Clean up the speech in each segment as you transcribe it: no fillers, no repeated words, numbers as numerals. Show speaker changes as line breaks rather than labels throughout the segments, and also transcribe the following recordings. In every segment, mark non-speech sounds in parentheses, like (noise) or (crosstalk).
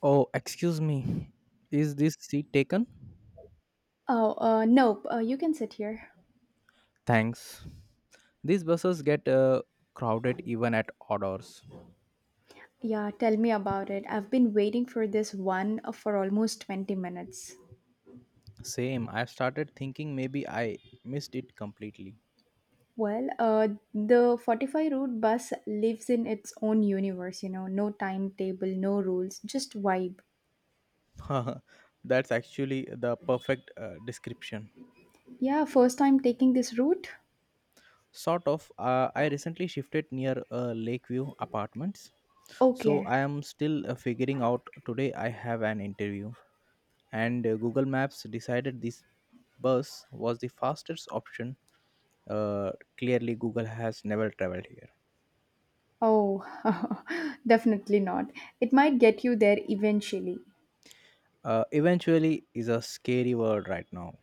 Oh, excuse me. Is this seat taken?
Oh, nope. You can sit here.
Thanks. These buses get crowded even at odd hours.
Yeah, tell me about it. I've been waiting for this one for almost 20 minutes.
Same. I started thinking maybe I missed it completely.
Well, the 45 route bus lives in its own universe, you know, no timetable, no rules, just vibe.
(laughs) That's actually the perfect description.
Yeah, first time taking this route?
Sort of. I recently shifted near Lakeview Apartments, so
Okay.
I am still figuring out. Today I have an interview, and Google Maps decided this bus was the fastest option. Clearly, Google has never traveled here.
Oh, (laughs) definitely not. It might get you there eventually.
Eventually is a scary word right now.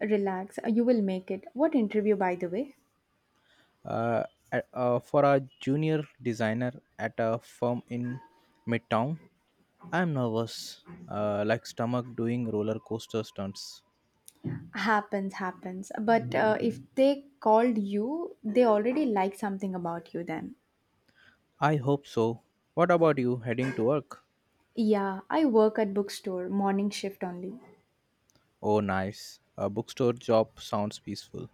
Relax, you will make it. What interview, by the way?
Uh, for a junior designer at a firm in Midtown, I'm nervous, like stomach doing roller coaster stunts.
Happens, happens. But if they called you, they already like something about you then.
I hope so. What about you heading to work?
Yeah, I work at bookstore, morning shift only.
Oh, nice. A bookstore job sounds peaceful.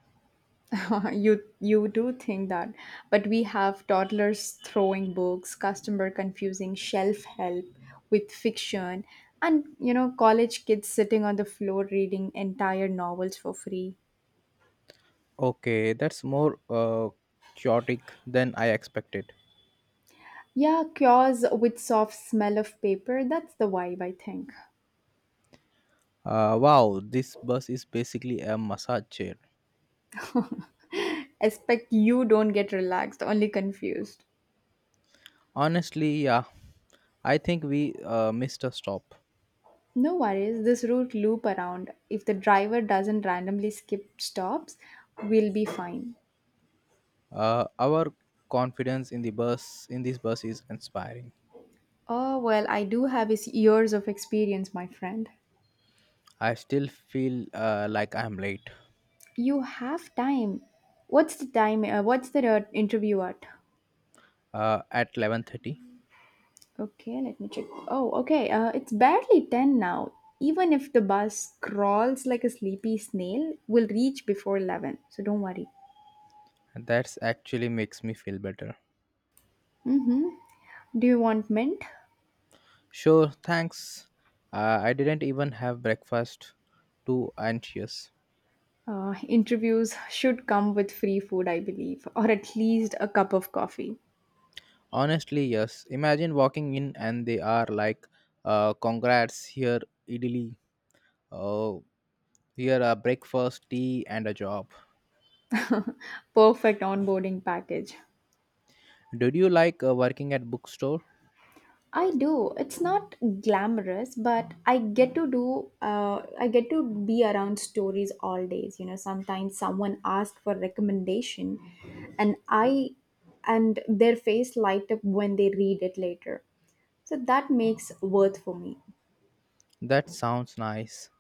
(laughs) You do think that. But we have toddlers throwing books, customer confusing shelf help with fiction, and you know, college kids sitting on the floor reading entire novels for free.
Okay, that's more chaotic than I expected.
Yeah, cures with soft smell of paper, that's the vibe I think.
Wow, this bus is basically a massage chair.
Expect you don't get relaxed, only confused.
Honestly, yeah, I think we missed a stop.
No worries, this route loop around. If the driver doesn't randomly skip stops, we'll be fine.
Our confidence in this bus is inspiring.
Oh, well, I do have his years of experience, my friend.
I still feel like I'm late
You have time. What's the time? What's the interview at?
at 11:30.
Okay, let me check. Oh, okay. It's barely 10 now. Even if the bus crawls like a sleepy snail, we'll reach before 11. So don't worry.
And that's actually makes me feel better.
Do you want mint?
Sure, thanks. I didn't even have breakfast. Too anxious.
Interviews should come with free food, I believe, or at least a cup of coffee.
Honestly, yes. Imagine walking in and they are like, "Congrats, here idli, oh, here a breakfast, tea, and a job."
Perfect onboarding package.
Did you like working at bookstore?
I do. It's not glamorous, but I get to do. I get to be around stories all days. You know, sometimes someone asked for recommendation, and I, and their face light up when they read it later. So that makes worth for me.
That sounds nice.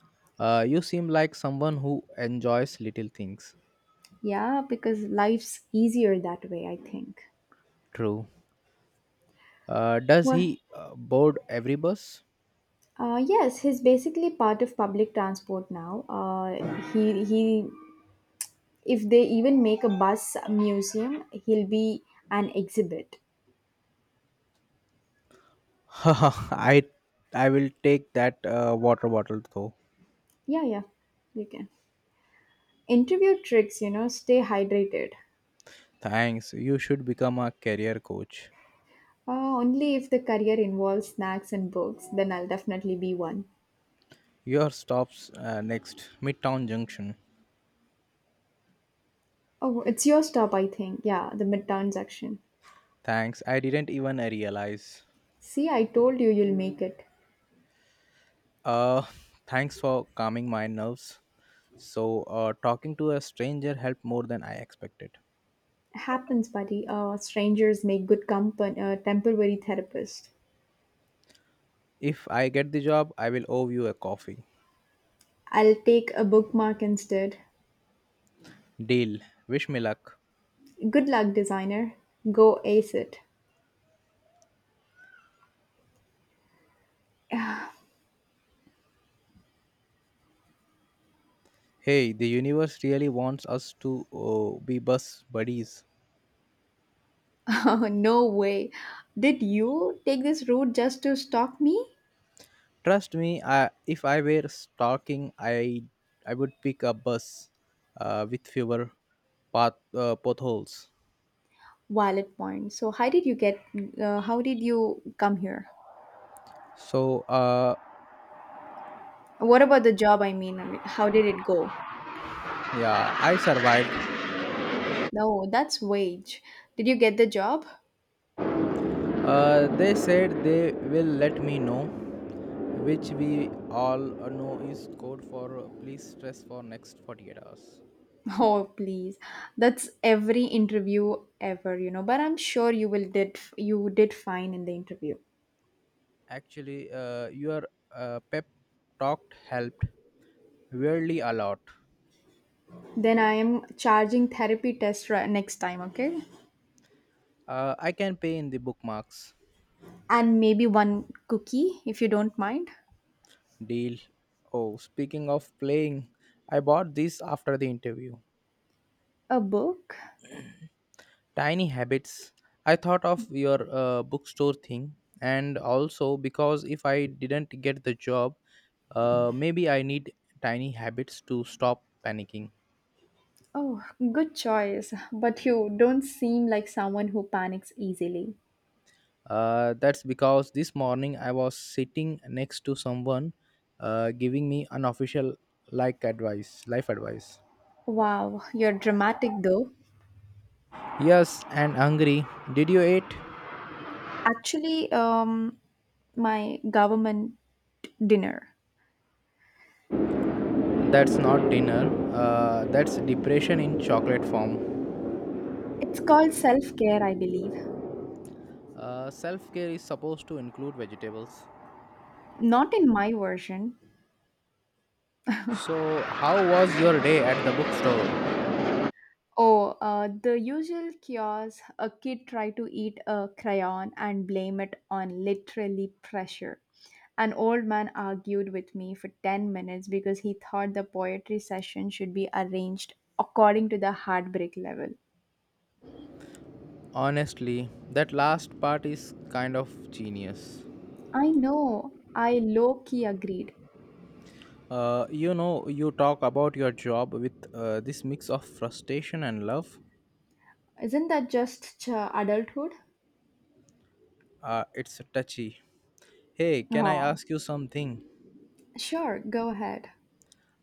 You seem like someone who enjoys little things.
Yeah, because life's easier that way. I think.
True. Does
Well,
he board every bus?
Yes, he's basically part of public transport now. If they even make a bus museum, he'll be an exhibit.
(laughs) I I will take that water bottle though.
Yeah, yeah, you can. Interview tricks, you know, stay hydrated.
Thanks. You should become a career coach.
Only if the career involves snacks and books, then I'll definitely be one.
Your stops next Midtown Junction.
Oh, it's your stop, I think. Yeah, the midtown section.
Thanks. I didn't even realize.
See, I told you you'll make it.
Uh, Thanks for calming my nerves. So, talking to a stranger helped more than I expected.
Happens, buddy. Strangers make good company, temporary therapist.
If I get the job, I will owe you a coffee.
I'll take a bookmark instead.
Deal. Wish me luck.
Good luck, designer. Go ace it. (laughs)
Hey, the universe really wants us to be bus buddies.
Oh, no way. Did you take this route just to stalk me?
Trust me, if I were stalking, I would pick a bus with fewer potholes.
Wallet point. So how did you get? How did you come here?
So,
What about the job? I mean, how did it go?
yeah, I survived.
No, that's wage. Did you get the job?
They said they will let me know, which we all know is code for please stress for next 48 hours.
(laughs) Oh, please. That's every interview ever, you know. But I'm sure you did fine in the interview.
Actually, your pep talk helped weirdly a lot.
Then I am charging therapy next time, okay?
I can pay in the bookmarks.
And maybe one cookie if you don't mind.
Deal. Oh, speaking of playing, I bought this after the interview.
A book?
Tiny Habits. I thought of your bookstore thing, and also because if I didn't get the job, maybe I need tiny habits to stop panicking.
Oh, good choice. But you don't seem like someone who panics easily.
That's because this morning I was sitting next to someone giving me unofficial like advice, life advice.
Wow, you're dramatic though.
Yes, and hungry. Did you eat?
Actually, my government dinner.
That's not dinner. That's depression in chocolate form.
It's called self care, I believe.
Self care is supposed to include vegetables.
Not in my version.
So, how was your day at the bookstore?
Oh, the usual chaos. A kid tried to eat a crayon and blame it on literally pressure. An old man argued with me for 10 minutes because he thought the poetry session should be arranged according to the heartbreak level.
Honestly, that last part is kind of genius.
I know, I low key agreed.
You talk about your job with this mix of frustration and love.
Isn't that just adulthood?
It's touchy. Hey, can I
Oh,
ask you something?
sure, go ahead.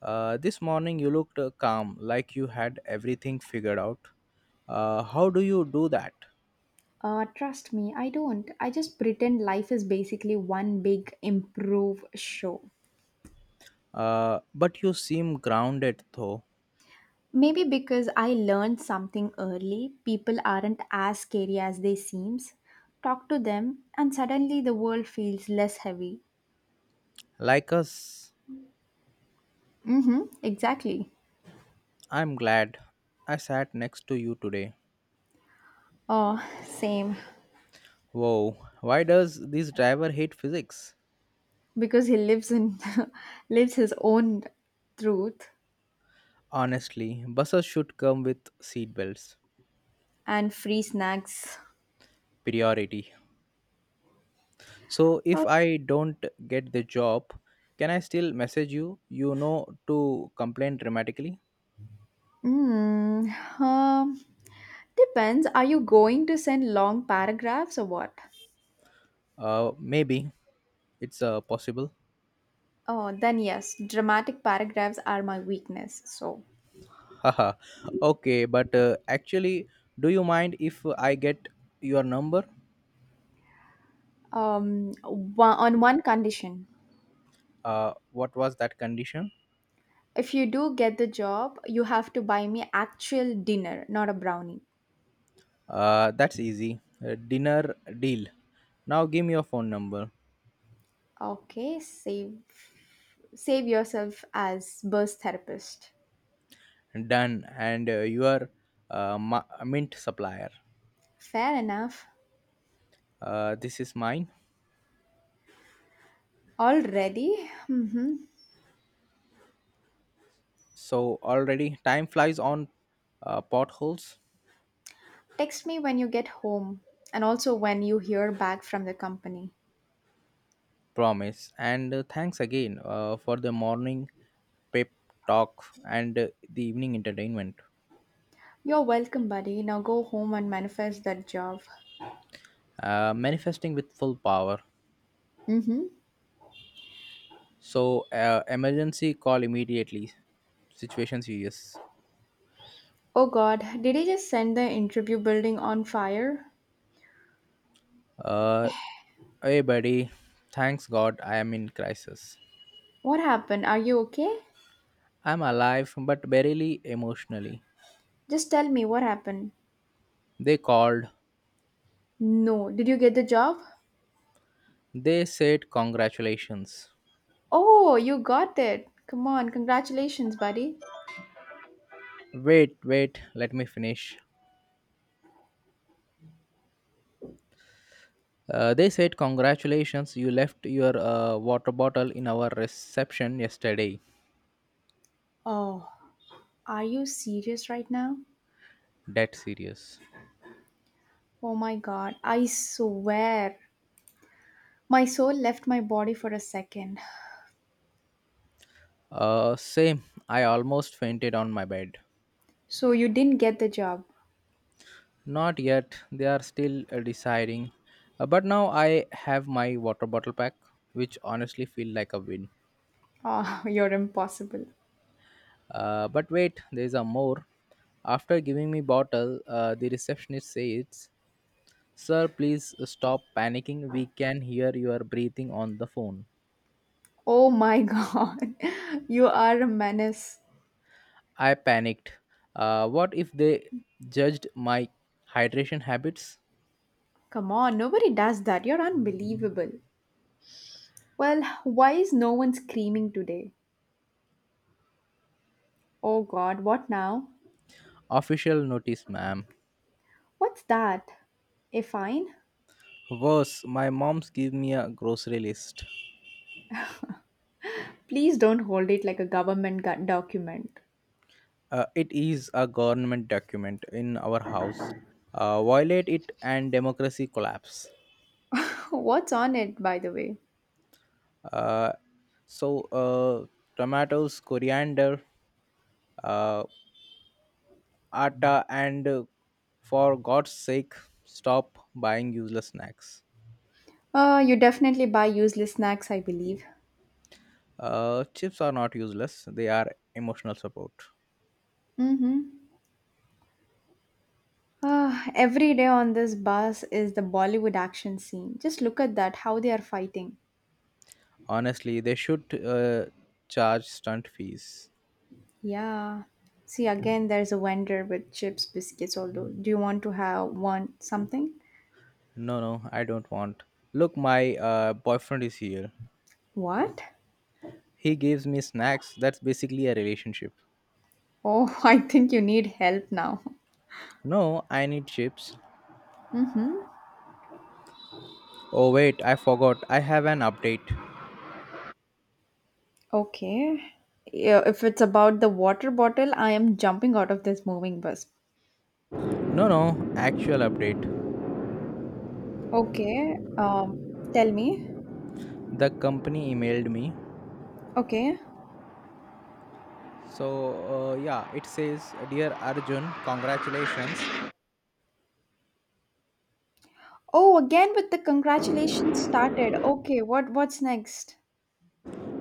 This morning you looked calm, like you had everything figured out. How do you do that?
Trust me, I don't. I just pretend life is basically one big improve show.
But you seem grounded though.
Maybe because I learned something early, people aren't as scary as they seems. Talk to them and suddenly the world feels less heavy.
Like us,
Mhm, exactly.
I'm glad I sat next to you today.
Oh, same
Whoa, why does this driver hate physics?
because he lives in (laughs) lives his own truth
Honestly, buses should come with seatbelts.
and free snacks.
Priority. So if
Oh,
I don't get the job, can I still message you? You know to complain dramatically.
mm, um, depends. Are you going to send long paragraphs or what?
Maybe it's possible.
Oh, then yes, dramatic paragraphs are my weakness. So
(laughs) Haha. Okay, but actually, do you mind if I get your number?
um one, on one condition
What was that condition?
if you do get the job you have to buy me actual dinner not a brownie
That's easy. Dinner deal. Now give me your phone number.
okay save yourself as birth therapist
Done. And you are mint supplier.
fair enough
This is mine.
already mm-hmm.
So already time flies on potholes.
Text me when you get home and also when you hear back from the company
Promise and thanks again for the morning pep talk and the evening entertainment.
you're welcome buddy now go home and manifest that job
Manifesting with full power.
mm-hmm.
So emergency call immediately. Situation serious.
Oh god did he just send the interview building on fire
Uh, Hey buddy, thanks God I am in crisis.
what happened are you okay.
I'm alive but barely emotionally.
Just tell me what happened.
They called.
No, did you get the job?
They said congratulations.
Oh, you got it. Come on, congratulations, buddy.
Wait, wait, let me finish. They said, Congratulations, you left your water bottle in our reception yesterday.
Oh, are you serious right now?
That serious.
Oh my god, I swear. My soul left my body for a second.
Same, I almost fainted on my bed.
So you didn't get the job.
Not yet, they are still deciding. But now I have my water bottle pack, which honestly feel like a win.
Oh, (laughs) you're impossible.
But wait, there's a more. After giving me bottle, the receptionist says, Sir, please stop panicking. We can hear your breathing on the phone.
Oh my (laughs) god, you are a menace.
I panicked. What if they judged my hydration habits?
Come on, nobody does that. You're unbelievable. Well, why is no one screaming today? Oh god, what now?
Official notice, ma'am.
What's that? A fine?
Worse, my mom's give me a grocery list.
Please don't hold it like a government document.
It is a government document in our house. Violate it and democracy collapse.
(laughs) What's on it, by the way?
Uh, so, tomatoes, coriander, uh, atta, and for God's sake, stop buying useless snacks.
You definitely buy useless snacks, I believe.
Chips are not useless, they are emotional support.
Mm-hmm. Ah, every day on this bus is the Bollywood action scene. Just look at that, how they are fighting.
Honestly, they should charge stunt fees.
Yeah. See, again, there's a vendor with chips, biscuits, although. Do you want to have one something?
No, no, I don't want. Look, my boyfriend is here.
What?
He gives me snacks. That's basically a relationship.
Oh, (laughs) I think you need help now.
No, I need chips.
Mm-hmm.
Oh, wait, I forgot. I have an update.
Okay. Yeah, if it's about the water bottle, I am jumping out of this moving bus.
No, no, actual update.
Okay. Tell me.
The company emailed me.
Okay.
So, yeah, it says Dear Arjun, congratulations.
Oh, again with the congratulations started. Okay, what's next?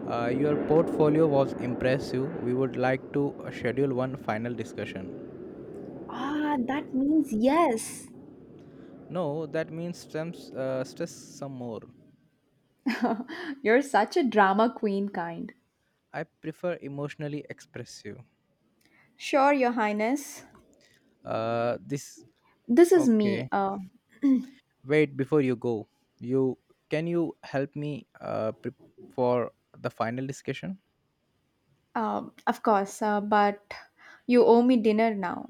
Your portfolio was impressive. We would like to schedule one final discussion.
Ah, that means yes.
No, that means stress some more.
(laughs) You're such a drama queen kind.
I prefer emotionally expressive.
Sure, Your Highness.
This
This is me.
Okay. Wait before you go. You you help me for the final discussion?
Of course, but you owe me dinner now.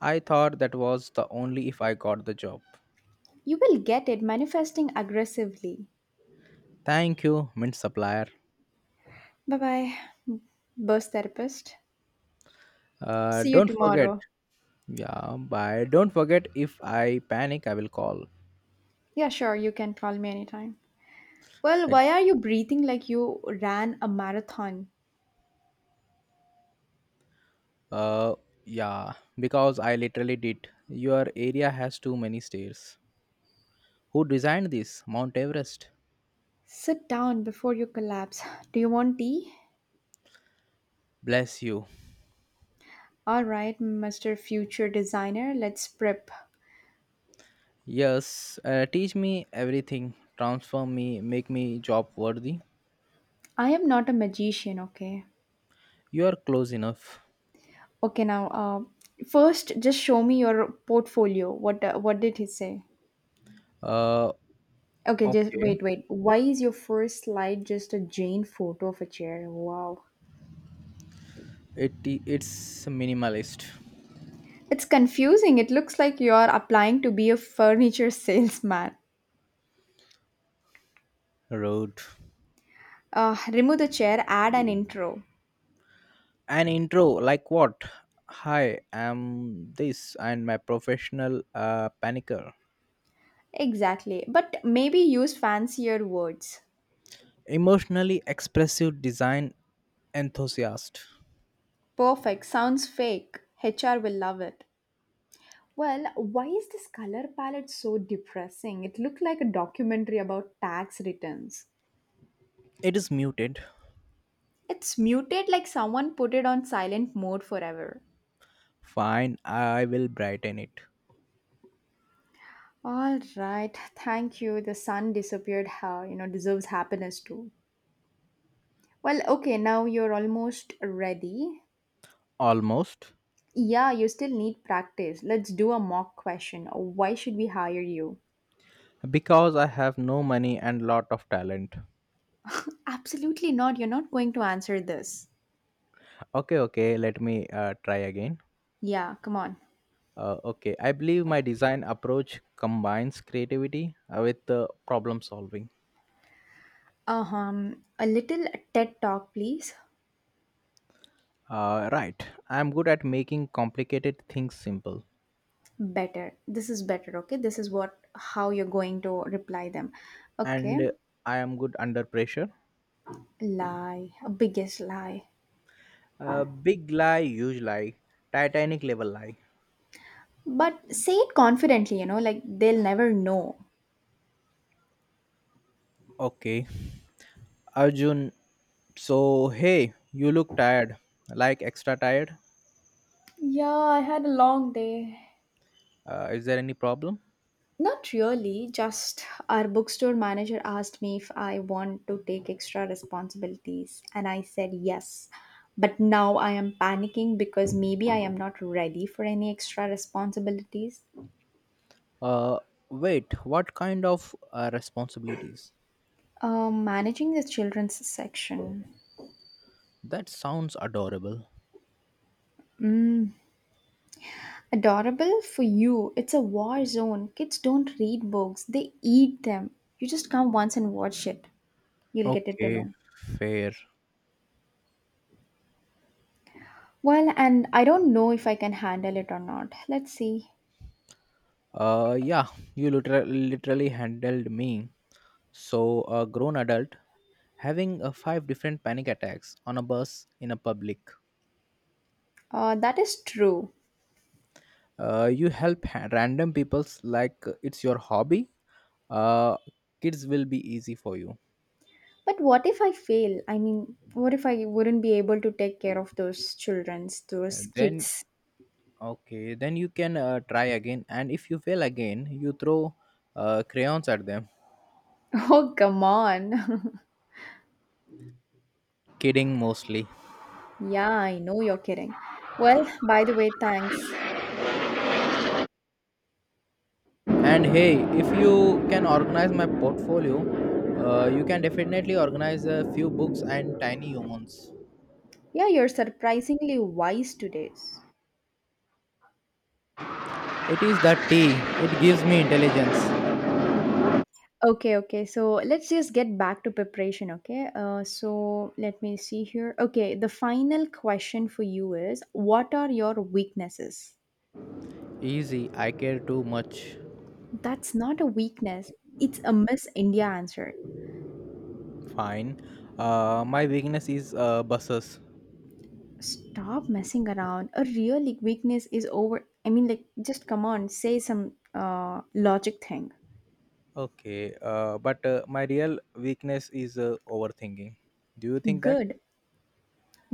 I thought that was the only if I got the job.
You will get it manifesting aggressively.
Thank you, mint supplier.
Bye bye, burst therapist. See you
Don't forget.
tomorrow.
Yeah, bye. Don't forget if I panic, I will call.
Yeah, sure, you can call me anytime. Well, why are you breathing like you ran a marathon?
Uh, yeah, because I literally did. Your area has too many stairs. Who designed this? Mount Everest.
Sit down before you collapse. Do you want tea?
Bless you.
All right, Mr. Future Designer, let's prep.
Yes, teach me everything. Transform me, make me job worthy.
I am not a magician, okay?
You are close enough.
Okay, now, first, just show me your portfolio. What did he say?
Uh,
Okay, just
okay.
wait, wait. Why is your first slide just a Jane photo of a chair? Wow.
It's minimalist.
It's confusing. It looks like you're applying to be a furniture (laughs) salesman.
Road.
Remove the chair, add an intro.
An intro like what? Hi, I'm this and my professional panicker.
Exactly. But maybe use fancier words.
Emotionally expressive design enthusiast.
Perfect. Sounds fake. HR will love it. Well, why is this color palette so depressing? It looked like a documentary about tax returns.
It is muted.
It's muted like someone put it on silent mode forever.
Fine, I will brighten it.
All right, thank you. The sun disappeared. How you know deserves happiness too. Well, okay, now you're almost ready.
Almost.
Yeah, you still need practice. Let's do a mock question. Why should we hire you?
Because I have no money and lot of talent.
Absolutely not. You're not going to answer this.
Okay, okay, let me try again.
Yeah, come on.
Okay, I believe my design approach combines creativity with problem solving.
A little TED talk, please.
Right, I am good at making complicated things simple,
Better. This is better, okay? This is what how you're going to reply them.
and
Okay.
I am good under pressure.
Lie. A Biggest lie.
Big lie, huge lie, Titanic level lie.
But say it confidently, you know, like they'll never know.
Okay, Arjun. So, hey, you look tired, like extra tired.
Yeah, I had a long day.
Is there any problem?
Not really, just our bookstore manager asked me if I want to take extra responsibilities, and I said yes. But now I am panicking because maybe I am not ready for any extra responsibilities.
Uh, Wait, what kind of responsibilities?
Managing the children's section.
That sounds adorable.
Adorable for you. It's a war zone. Kids don't read books, they eat them. You just come once and watch it. You'll get it to
Okay,
know.
fair.
Well, and I don't know if I can handle it or not. Let's see.
Yeah, you literally handled me. So, a grown adult having five different panic attacks on a bus in a public.
That is true.
You help random peoples like it's your hobby. Uh, Kids will be easy for you.
But what if I fail? I mean, what if I wouldn't be able to take care of those children, those
And then
kids? (laughs)
Okay, then you can try again, and if you fail again, you throw crayons at them.
Oh, come on. (laughs)
Kidding mostly.
yeah, I know you're kidding. Well, by the way, thanks.
And hey, if you can organize my portfolio, you can definitely organize a few books and tiny humans.
Yeah, you're surprisingly wise today.
It is the tea, it gives me intelligence.
Okay, okay. So let's just get back to preparation, okay? So let me see here. Okay, the final question for you is what are your weaknesses?
Easy, I care too much.
That's not a weakness, it's a Miss India answer.
Fine. My weakness is buses.
Stop messing around. A real like, weakness is over. I mean, like, just come on, say some logic thing.
Okay, but my real weakness is overthinking. Do you think that?
Good,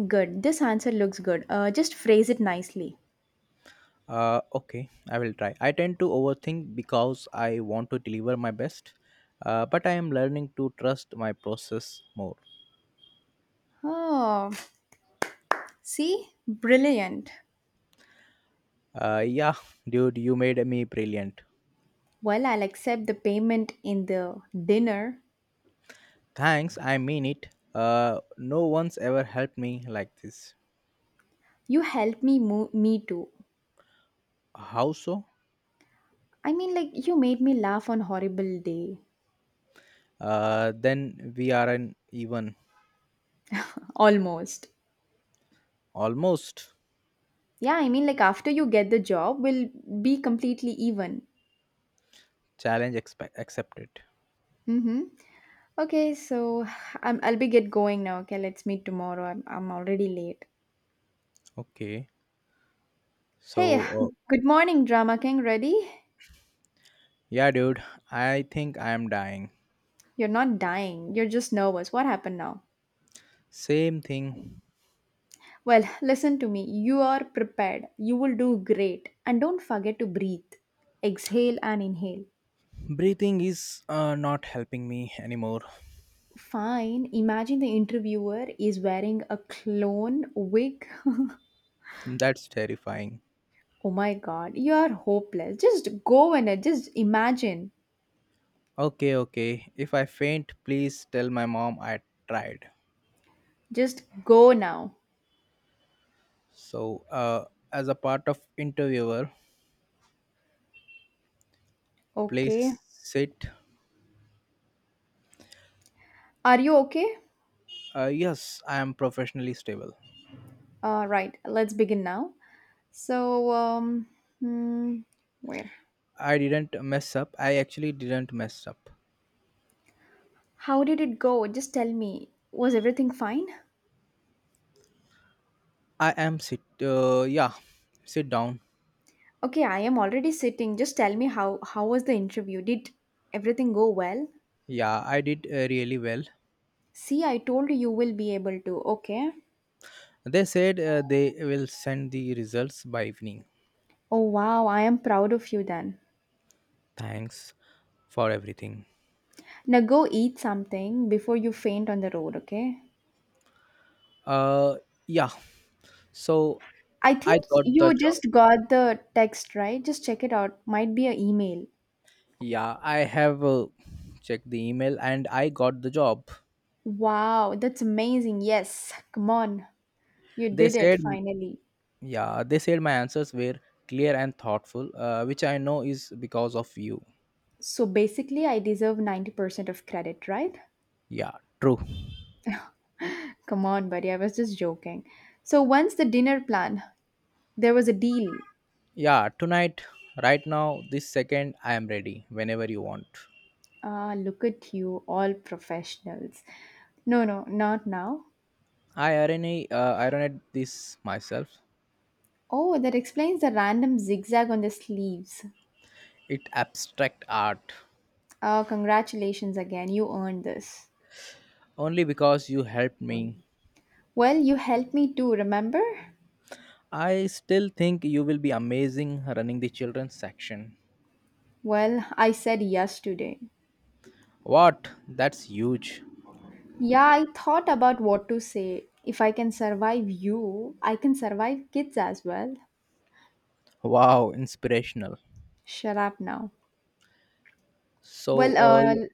good. This answer looks good. Just phrase it nicely.
Okay, I will try. I tend to overthink because I want to deliver my best, but I am learning to trust my process more.
Oh, see? Brilliant.
Yeah, (laughs) dude, you made me brilliant.
Well, I'll accept the payment in the dinner.
Thanks, I mean it. No one's ever helped me like this.
You helped me too.
How so?
I mean like you made me laugh on horrible day
Then we are an even
almost.
almost.
Yeah, I mean like after you get the job we'll be completely even.
Challenge accepted.
Mhm. Okay, so I'll be get going now. Okay, let's meet tomorrow. I'm already late.
Okay,
Hey,
so
good morning, Drama King. Ready?
yeah, dude, I think I am dying.
You're not dying. You're just nervous. What happened now?
Same thing.
Well, listen to me. You are prepared. You will do great. And don't forget to breathe. Exhale and inhale.
Breathing is not helping me anymore.
Fine. Imagine the interviewer is wearing a clone wig. (laughs)
That's terrifying.
oh my god, you are hopeless. Just go in it. Just imagine.
Okay, okay. If I faint, please tell my mom I tried.
Just go now.
So, as a part of interviewer,
Okay.
please sit.
Are you okay?
Yes, I am professionally stable.
Right, let's begin now. So, hmm, where?
I didn't mess up. I actually didn't mess up.
How did it go? Just tell me. Was everything fine?
I am sit. Yeah, sit down.
Okay, I am already sitting. Just tell me how was the interview? Did everything go well?
Yeah, I did really well.
See, I told you you will be able to. Okay.
They said they will send the results by evening.
Oh wow, I am proud of you then.
Thanks for everything.
Now go eat something before you faint on the road, okay?
Uh, yeah. So
I
I
think
got the
you
job.
just got the text, right? Just check it out. Might be an email.
Yeah, I have checked the email and I got the job.
Wow, that's amazing. Yes, come on. You
They
did it
said,
finally.
yeah, they said my answers were clear and thoughtful, which I know is because of you.
So basically, I deserve 90% of credit, right?
Yeah, true.
Come on, buddy, I was just joking. So, once the dinner plan, there was a deal.
Yeah, tonight, right now, this second, I am ready whenever you want.
Ah, look at you, all professionals. No, no, not now.
I ironed this myself.
Oh, that explains the random zigzag on the sleeves.
It abstract art
Ah, congratulations again, you earned this.
only because you helped me.
Well, you helped me too, remember?
I still think you will be amazing running the children's section.
Well, I said yes today.
What? That's huge.
Yeah, I thought about what to say. If I can survive you, I can survive kids as well.
Wow, inspirational.
Shut up now.
So,
Well, uh,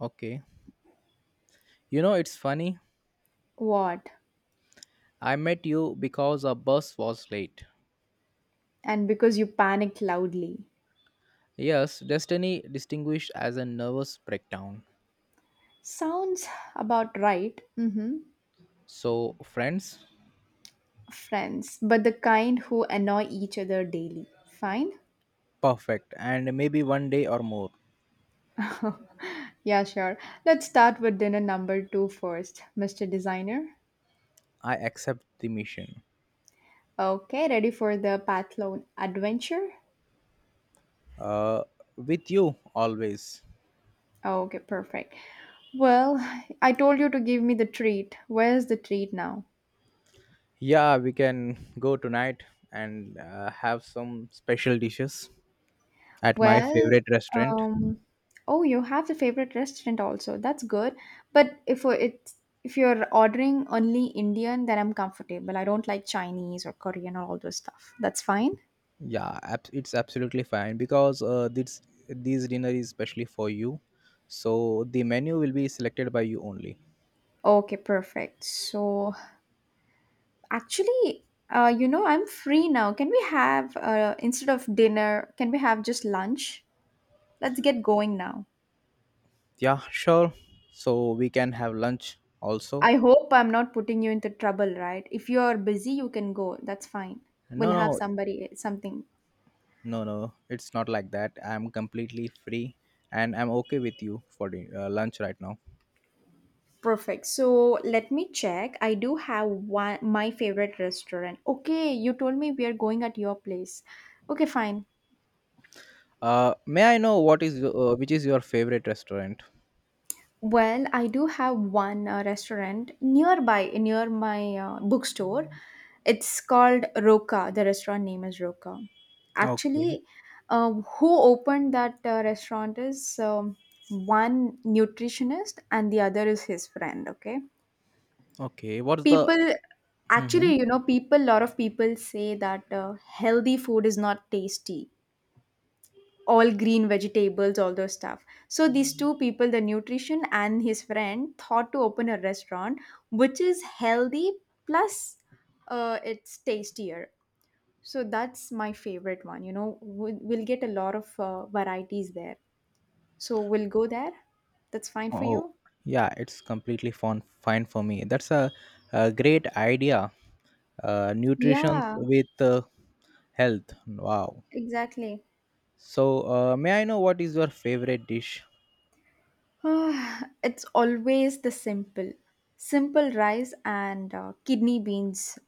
okay. You know, it's funny.
what?
I met you because our bus was late.
And because you panicked loudly.
Yes, Destiny distinguished as a nervous breakdown.
Sounds about right. Mm-hmm.
So, friends,
Friends, but the kind who annoy each other daily. Fine?
perfect. And maybe one day or more,
(laughs) yeah, sure. Let's start with dinner number two first, Mr. Designer.
I accept the mission.
Okay, ready for the Pathlone adventure?
Uh, with you always.
Okay, perfect. Well, I told you to give me the treat. Where's the treat now?
Yeah, we can go tonight and have some special dishes at my
Well,
favorite restaurant.
um, oh, you have the favorite restaurant also. That's good. But if it If you're ordering only Indian, then I'm comfortable. I don't like Chinese or Korean or all those stuff. That's fine.
Yeah, it's absolutely fine because this dinner is specially for you. So the menu will be selected by you only.
Okay, perfect. So actually, you know, I'm free now. Can we have instead of dinner, can we have just lunch? Let's get going now.
Yeah, sure. So we can have lunch also.
I hope I'm not putting you into trouble, right? If you're busy, you can go. That's fine.
No,
We'll have
no,
somebody something
no, no. It's not like that. I'm completely free and I'm okay with you for the, lunch right now.
perfect. So let me check. I do have one my favorite restaurant. Okay, you told me we are going at your place. Okay, fine.
May I know what is which is your favorite restaurant?
Well, I do have one restaurant nearby, near my bookstore. It's called Roka. The restaurant name is Roka.
Okay.
Actually, who opened that restaurant is one nutritionist and the other is his friend. Okay.
Okay, what's the?
People,
hmm
actually, you know, lot of people say that healthy food is not tasty, all green vegetables, all those stuff. So these two people, the nutrition and his friend, thought to open a restaurant which is healthy plus it's tastier. So that's my favorite one. You know, we'll get a lot of varieties there. So we'll go there. That's fine for
Oh,
you.
yeah, it's completely fine for me. That's a great idea. Nutrition
Yeah,
with health. Wow.
exactly. (sighs)
So, may I know what is your favorite dish?
Ah, it's always simple rice and kidney beans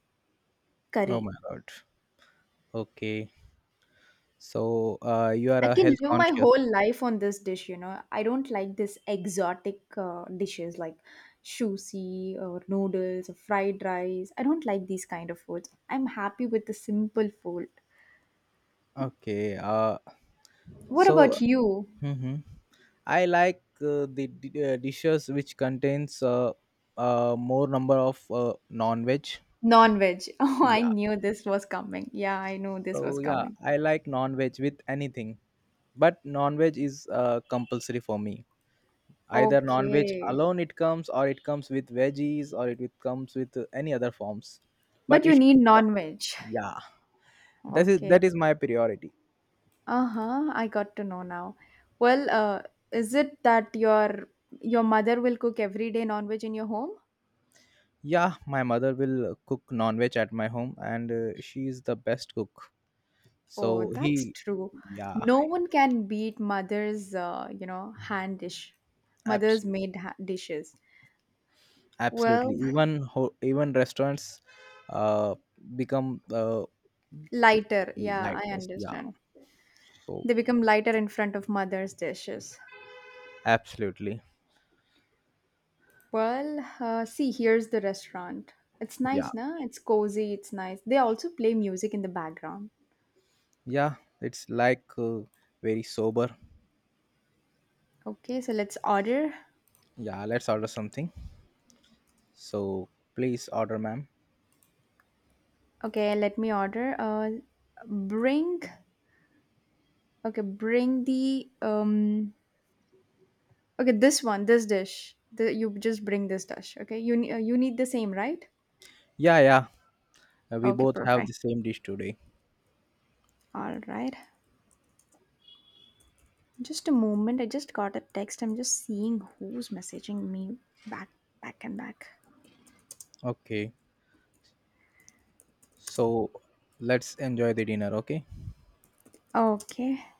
Oh
curry.
my God. Okay. So, you are
I
a
can
health
live my
conscious.
whole life on this dish, you know. I don't like this exotic dishes like sushi or noodles or fried rice. I don't like these kind of foods. I'm happy with the simple food.
Okay.
What
So,
about you?
hmm I like dishes which contains more number of non-veg.
Non-veg. (laughs) Oh, I
Yeah.
knew this was coming. Yeah, I knew this
So
was
yeah,
coming.
I like non-veg with anything, but non-veg is compulsory for me. Either non-veg
Okay.
alone it comes, or it comes with veggies, or it comes with any other forms.
But
But it
you need
should come.
non-veg.
Yeah, that is
Okay.
that is my priority.
Uh-huh. I got to know now. Well, uh, is it that your mother will cook every day non-veg in your home?
Yeah, my mother will cook non-veg at my home, and she is the best cook.
Oh,
So
that's
he,
true.
yeah,
No one can beat mother's, you know, hand dish,
absolutely,
dishes.
absolutely.
Well,
Even restaurants, uh, become
lighter. Yeah,
like
I
this. Yeah.
understand.
So
They become lighter in front of mother's dishes.
absolutely,
Well, see, here's the restaurant. It's
yeah,
nice, na? It's cozy. It's nice. They also play music in the background.
yeah. It's like very sober.
Okay, so let's order.
Yeah, let's order something. So please order, ma'am.
Okay, let me order. Bring. Okay, bring the okay, this one, this dish. You just bring this dish. Okay, you need the same, right?
Yeah, yeah. We
Okay,
both have the
perfect.
same dish today.
All right. Just a moment. I just got a text. I'm just seeing who's messaging me back, back and back.
Okay, so let's enjoy the dinner. Okay.
Okay.